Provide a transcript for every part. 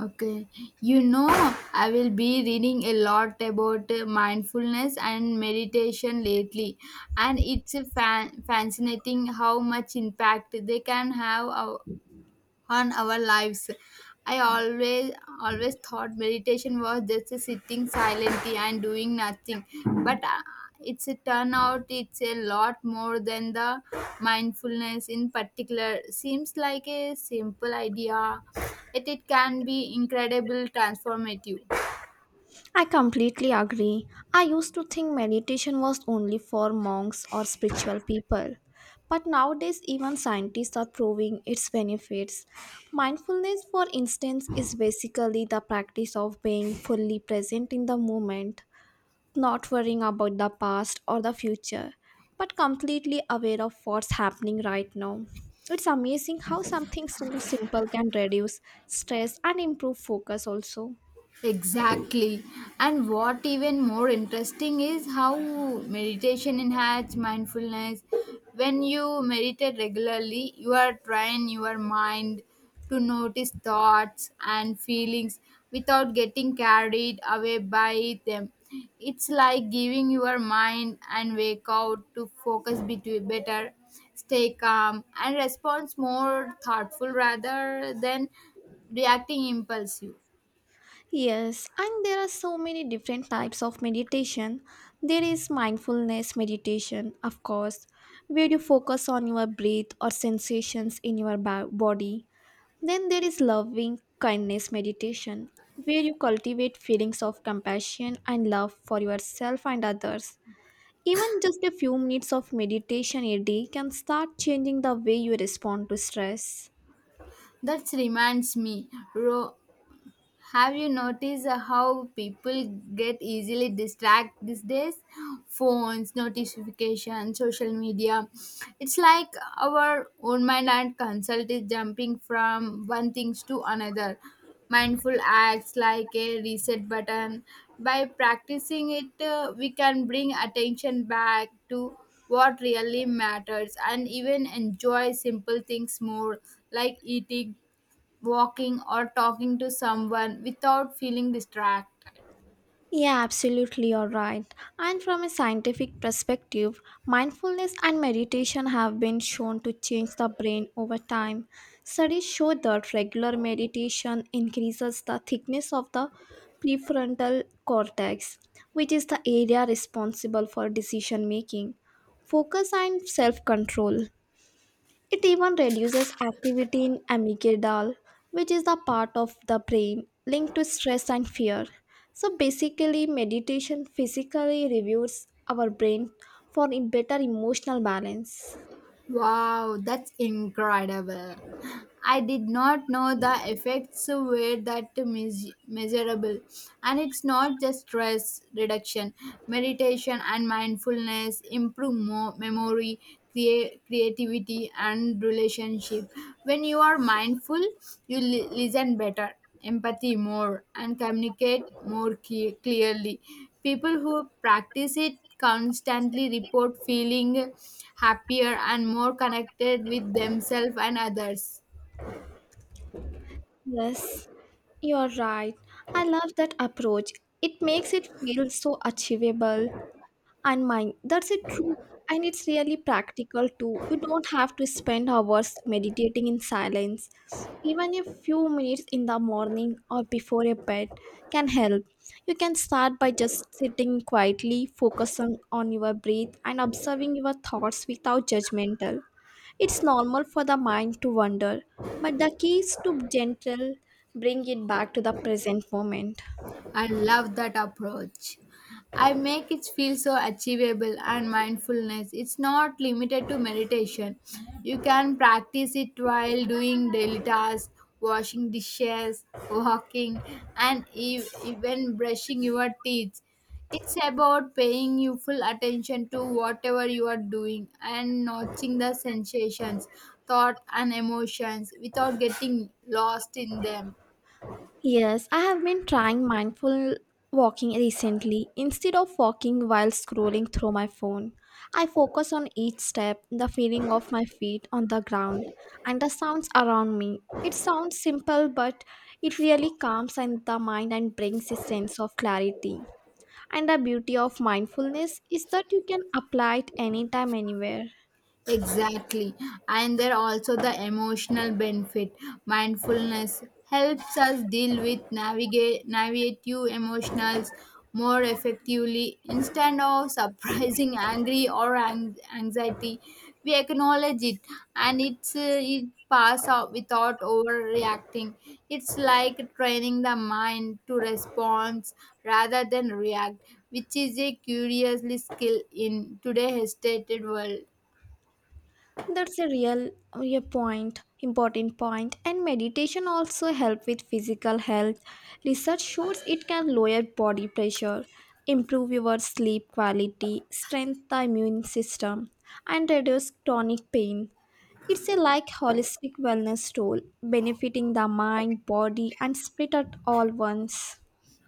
Okay, you know, I will be reading a lot about mindfulness and meditation lately, and it's a fascinating how much impact they can have on our lives. I always thought meditation was just sitting silently and doing nothing, but it's a turn out it's a lot more than the mindfulness in particular. Seems like a simple idea, yet it can be incredible transformative. I completely agree. I used to think meditation was only for monks or spiritual people. But nowadays, even scientists are proving its benefits. Mindfulness, for instance, is basically the practice of being fully present in the moment, not worrying about the past or the future, but completely aware of what's happening right now. It's amazing how something so simple can reduce stress and improve focus, also. Exactly. And what even more interesting is how meditation enhances mindfulness. When you meditate regularly, you are trying your mind to notice thoughts and feelings without getting carried away by them. It's like giving your mind and wake out to focus between better, stay calm and response more thoughtful rather than reacting impulsive. Yes, and there are so many different types of meditation. There is mindfulness meditation, of course, where you focus on your breath or sensations in your body. Then there is loving kindness meditation, where you cultivate feelings of compassion and love for yourself and others. Even just a few minutes of meditation a day can start changing the way you respond to stress. That reminds me, Ro, have you noticed how people get easily distracted these days? Phones, notifications, social media. It's like our own mind and consult is jumping from one things to another. Mindful acts like a reset button. By practicing it, we can bring attention back to what really matters and even enjoy simple things more like eating walking or talking to someone without feeling distracted. Yeah, absolutely, you're right. And from a scientific perspective, mindfulness and meditation have been shown to change the brain over time. Studies show that regular meditation increases the thickness of the prefrontal cortex, which is the area responsible for decision making, focus, and self control. It even reduces activity in amygdala, which is the part of the brain linked to stress and fear. So basically, meditation physically reviews our brain for a better emotional balance. Wow, that's incredible. I did not know the effects were that measurable. And it's not just stress reduction, meditation and mindfulness improve memory, creativity, and relationship. When you are mindful, you listen better. Empathy more and communicate more clearly. People who practice it constantly report feeling happier and more connected with themselves and others. Yes, you're right. I love that approach. It makes it feel so achievable and mind. That's a true, and it's really practical too. You don't have to spend hours meditating in silence. Even a few minutes in the morning or before a bed can help. You can start by just sitting quietly, focusing on your breath and observing your thoughts without judgmental. It's normal for the mind to wander, but the key is to gentle bring it back to the present moment. I love that approach. I make it feel so achievable and mindfulness. It's not limited to meditation. You can practice it while doing daily tasks, washing dishes, walking, and even brushing your teeth. It's about paying you full attention to whatever you are doing and noticing the sensations, thought, and emotions without getting lost in them. Yes, I have been trying mindful walking recently. Instead of walking while scrolling through my phone, I focus on each step, the feeling of my feet on the ground, and the sounds around me. It sounds simple, but it really calms and the mind and brings a sense of clarity. And the beauty of mindfulness is that you can apply it anytime, anywhere. Exactly. And there also the emotional benefit. Mindfulness helps us deal with navigate navigative emotionals more effectively instead of surprising angry or anxiety. We acknowledge it and it pass out without overreacting. It's like training the mind to respond rather than react, which is a curiously skill in today's hesitated world. That's a real a point, important point. And meditation also help with physical health. Research shows it can lower body pressure, improve your sleep quality, strengthen the immune system, and reduce chronic pain. It's a like holistic wellness tool, benefiting the mind, body, and spirit at all once.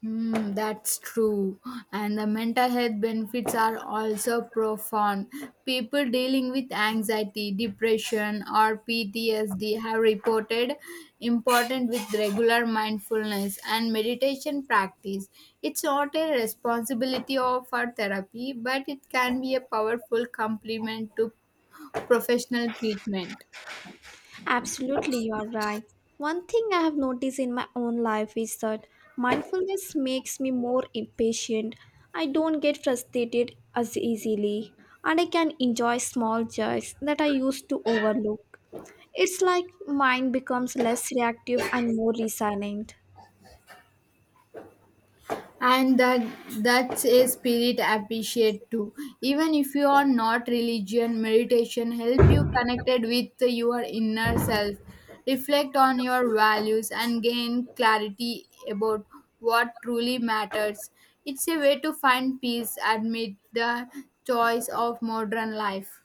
Hmm, that's true. And the mental health benefits are also profound. People dealing with anxiety, depression, or PTSD have reported important with regular mindfulness and meditation practice. It's not a responsibility of our therapy, but it can be a powerful complement to professional treatment. Absolutely, you are right. One thing I have noticed in my own life is that mindfulness makes me more impatient. I don't get frustrated as easily, and I can enjoy small joys that I used to overlook. It's like mind becomes less reactive and more resilient. And that's a spirit appreciate too, even if you are not religion meditation help you connected with your inner self, reflect on your values and gain clarity about what truly matters. It's a way to find peace amid the choice of modern life.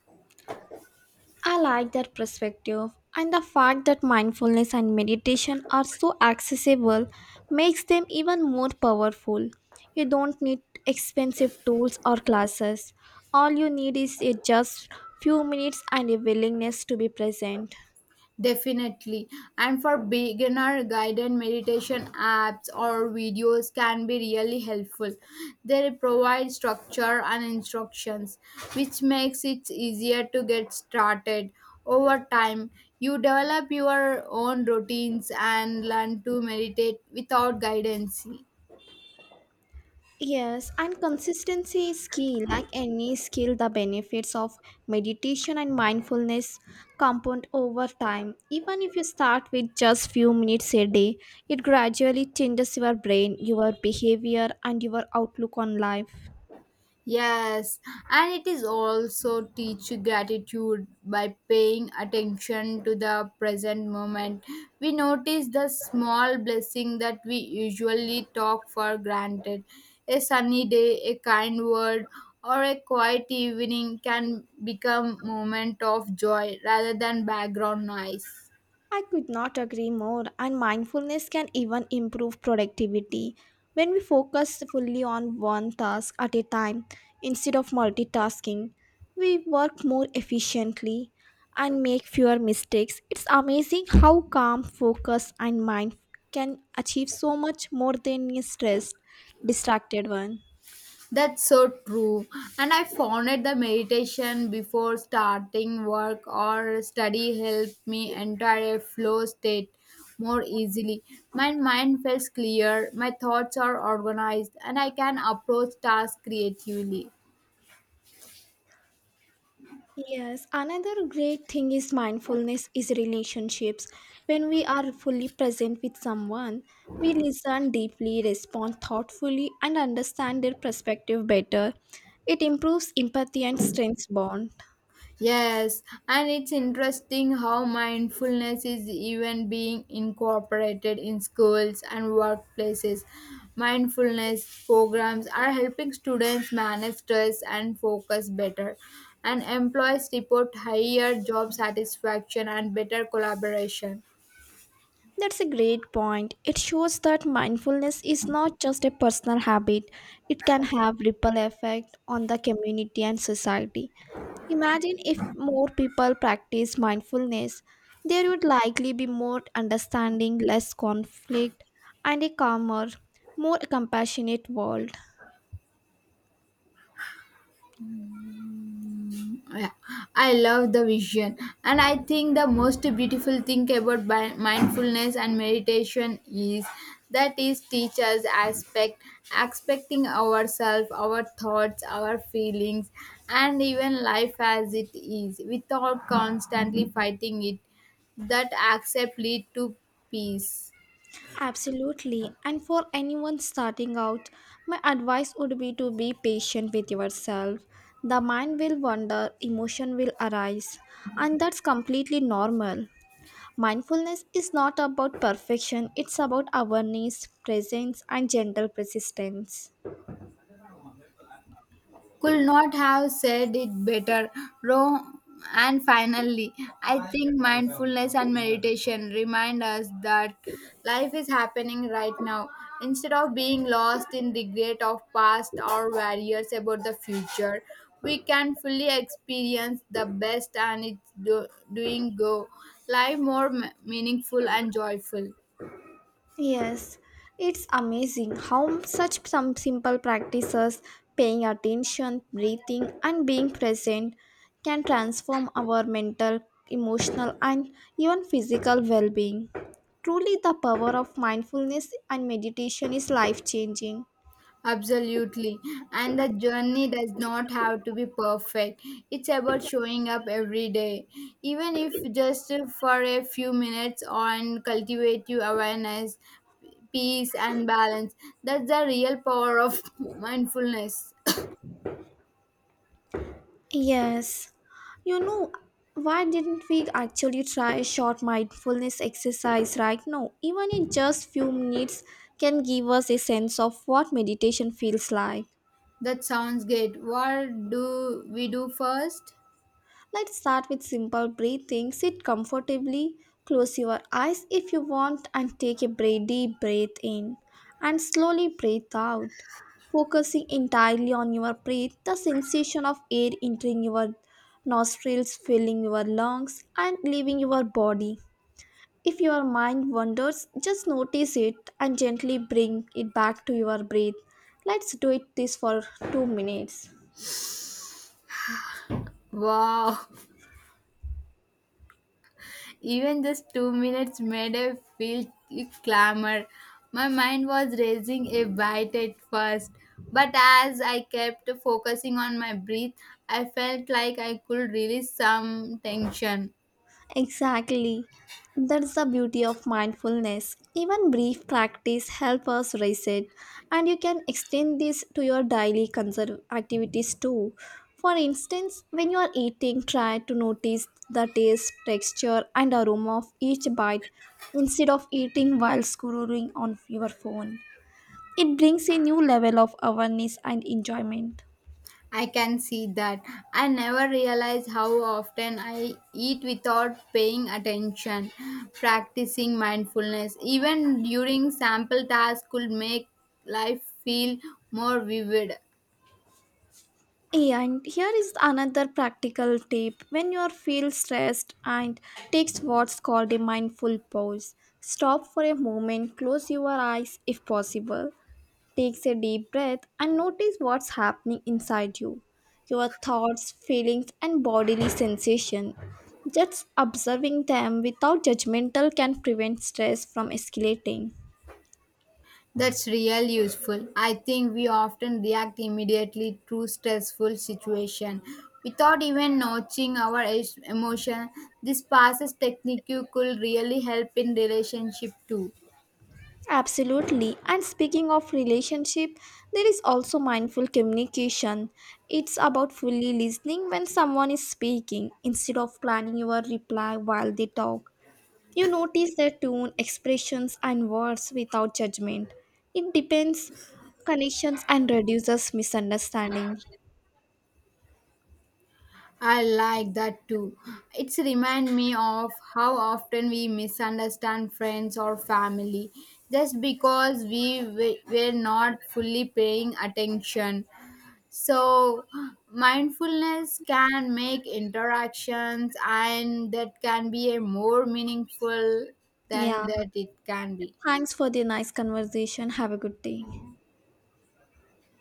I like that perspective, and the fact that mindfulness and meditation are so accessible makes them even more powerful. You don't need expensive tools or classes. All you need is a just few minutes and a willingness to be present. Definitely. And for beginner, guided meditation apps or videos can be really helpful. They provide structure and instructions, which makes it easier to get started. Over time, you develop your own routines and learn to meditate without guidance. Yes, and consistency is key. Like any skill, the benefits of meditation and mindfulness compound over time. Even if you start with just few minutes a day, it gradually changes your brain, your behavior, and your outlook on life. Yes, and it is also teach gratitude by paying attention to the present moment. We notice the small blessing that we usually talk for granted. A sunny day, a kind word, or a quiet evening can become moment of joy rather than background noise. I could not agree more, and mindfulness can even improve productivity. When we focus fully on one task at a time instead of multitasking, we work more efficiently and make fewer mistakes. It's amazing how calm, focus, and mind can achieve so much more than a stressed, distracted one. That's so true. And I found it the meditation before starting work or study helped me enter a flow state more easily. My mind feels clear, my thoughts are organized, and I can approach tasks creatively. Yes, another great thing is mindfulness is relationships. When we are fully present with someone, we listen deeply, respond thoughtfully, and understand their perspective better. It improves empathy and strengthens bond. Yes, and it's interesting how mindfulness is even being incorporated in schools and workplaces. Mindfulness programs are helping students manage stress and focus better, and employees report higher job satisfaction and better collaboration. That's a great point. It shows that mindfulness is not just a personal habit, it can have ripple effect on the community and society. Imagine if more people practice mindfulness, there would likely be more understanding, less conflict, and a calmer, more compassionate world. Yeah, I love the vision. And I think the most beautiful thing about mindfulness and meditation is that is teachers aspect, expecting ourselves, our thoughts, our feelings, and even life as it is without constantly fighting it. That accept lead to peace. Absolutely. And for anyone starting out, my advice would be to be patient with yourself. The mind will wander, emotion will arise, and that's completely normal. Mindfulness is not about perfection, it's about awareness, presence, and gentle persistence. Could not have said it better. Ro- and finally, I think mindfulness and meditation remind us that life is happening right now. Instead of being lost in regret of past or worries about the future, we can fully experience the best and it's doing go life more meaningful and joyful. Yes, it's amazing how such some simple practices, paying attention, breathing, and being present, can transform our mental, emotional, and even physical well being. Truly, the power of mindfulness and meditation is life changing. Absolutely. And the journey does not have to be perfect. It's about showing up every day, even if just for a few minutes on cultivate your awareness, peace, and balance. That's the real power of mindfulness. Yes, you know, why didn't we actually try a short mindfulness exercise right now? Even in just few minutes can give us a sense of what meditation feels like. That sounds great. What do we do first? Let's start with simple breathing. Sit comfortably, close your eyes if you want, and take a deep breath in and slowly breathe out. Focusing entirely on your breath, the sensation of air entering your nostrils, filling your lungs, and leaving your body. If your mind wanders, just notice it and gently bring it back to your breath. Let's do it this for 2 minutes. Wow, even just 2 minutes made a feel clamor. My mind was racing a bit at first, but as I kept focusing on my breath, I felt like I could release some tension. Exactly. That's the beauty of mindfulness. Even brief practice helps us reset, and you can extend this to your daily conserve activities too. For instance, when you are eating, try to notice the taste, texture, and aroma of each bite instead of eating while scrolling on your phone. It brings a new level of awareness and enjoyment. I can see that. I never realized how often I eat without paying attention. Practicing mindfulness, even during sample tasks, could make life feel more vivid. Yeah, and here is another practical tip. When you are feel stressed and takes what's called a mindful pause. Stop for a moment, close your eyes if possible, takes a deep breath and notice what's happening inside you. Your thoughts, feelings and bodily sensation. Just observing them without judgmental can prevent stress from escalating. That's real useful. I think we often react immediately to stressful situation without even notching our emotion. This passes technique you could really help in relationship too. Absolutely. And speaking of relationship, there is also mindful communication. It's about fully listening when someone is speaking instead of planning your reply while they talk. You notice their tone, expressions, and words without judgment. It depends connections and reduces misunderstanding. I like that too. It's remind me of how often we misunderstand friends or family just because were not fully paying attention. So, mindfulness can make interactions and that can be a more meaningful than Yeah. that it can be. Thanks for the nice conversation. Have a good day.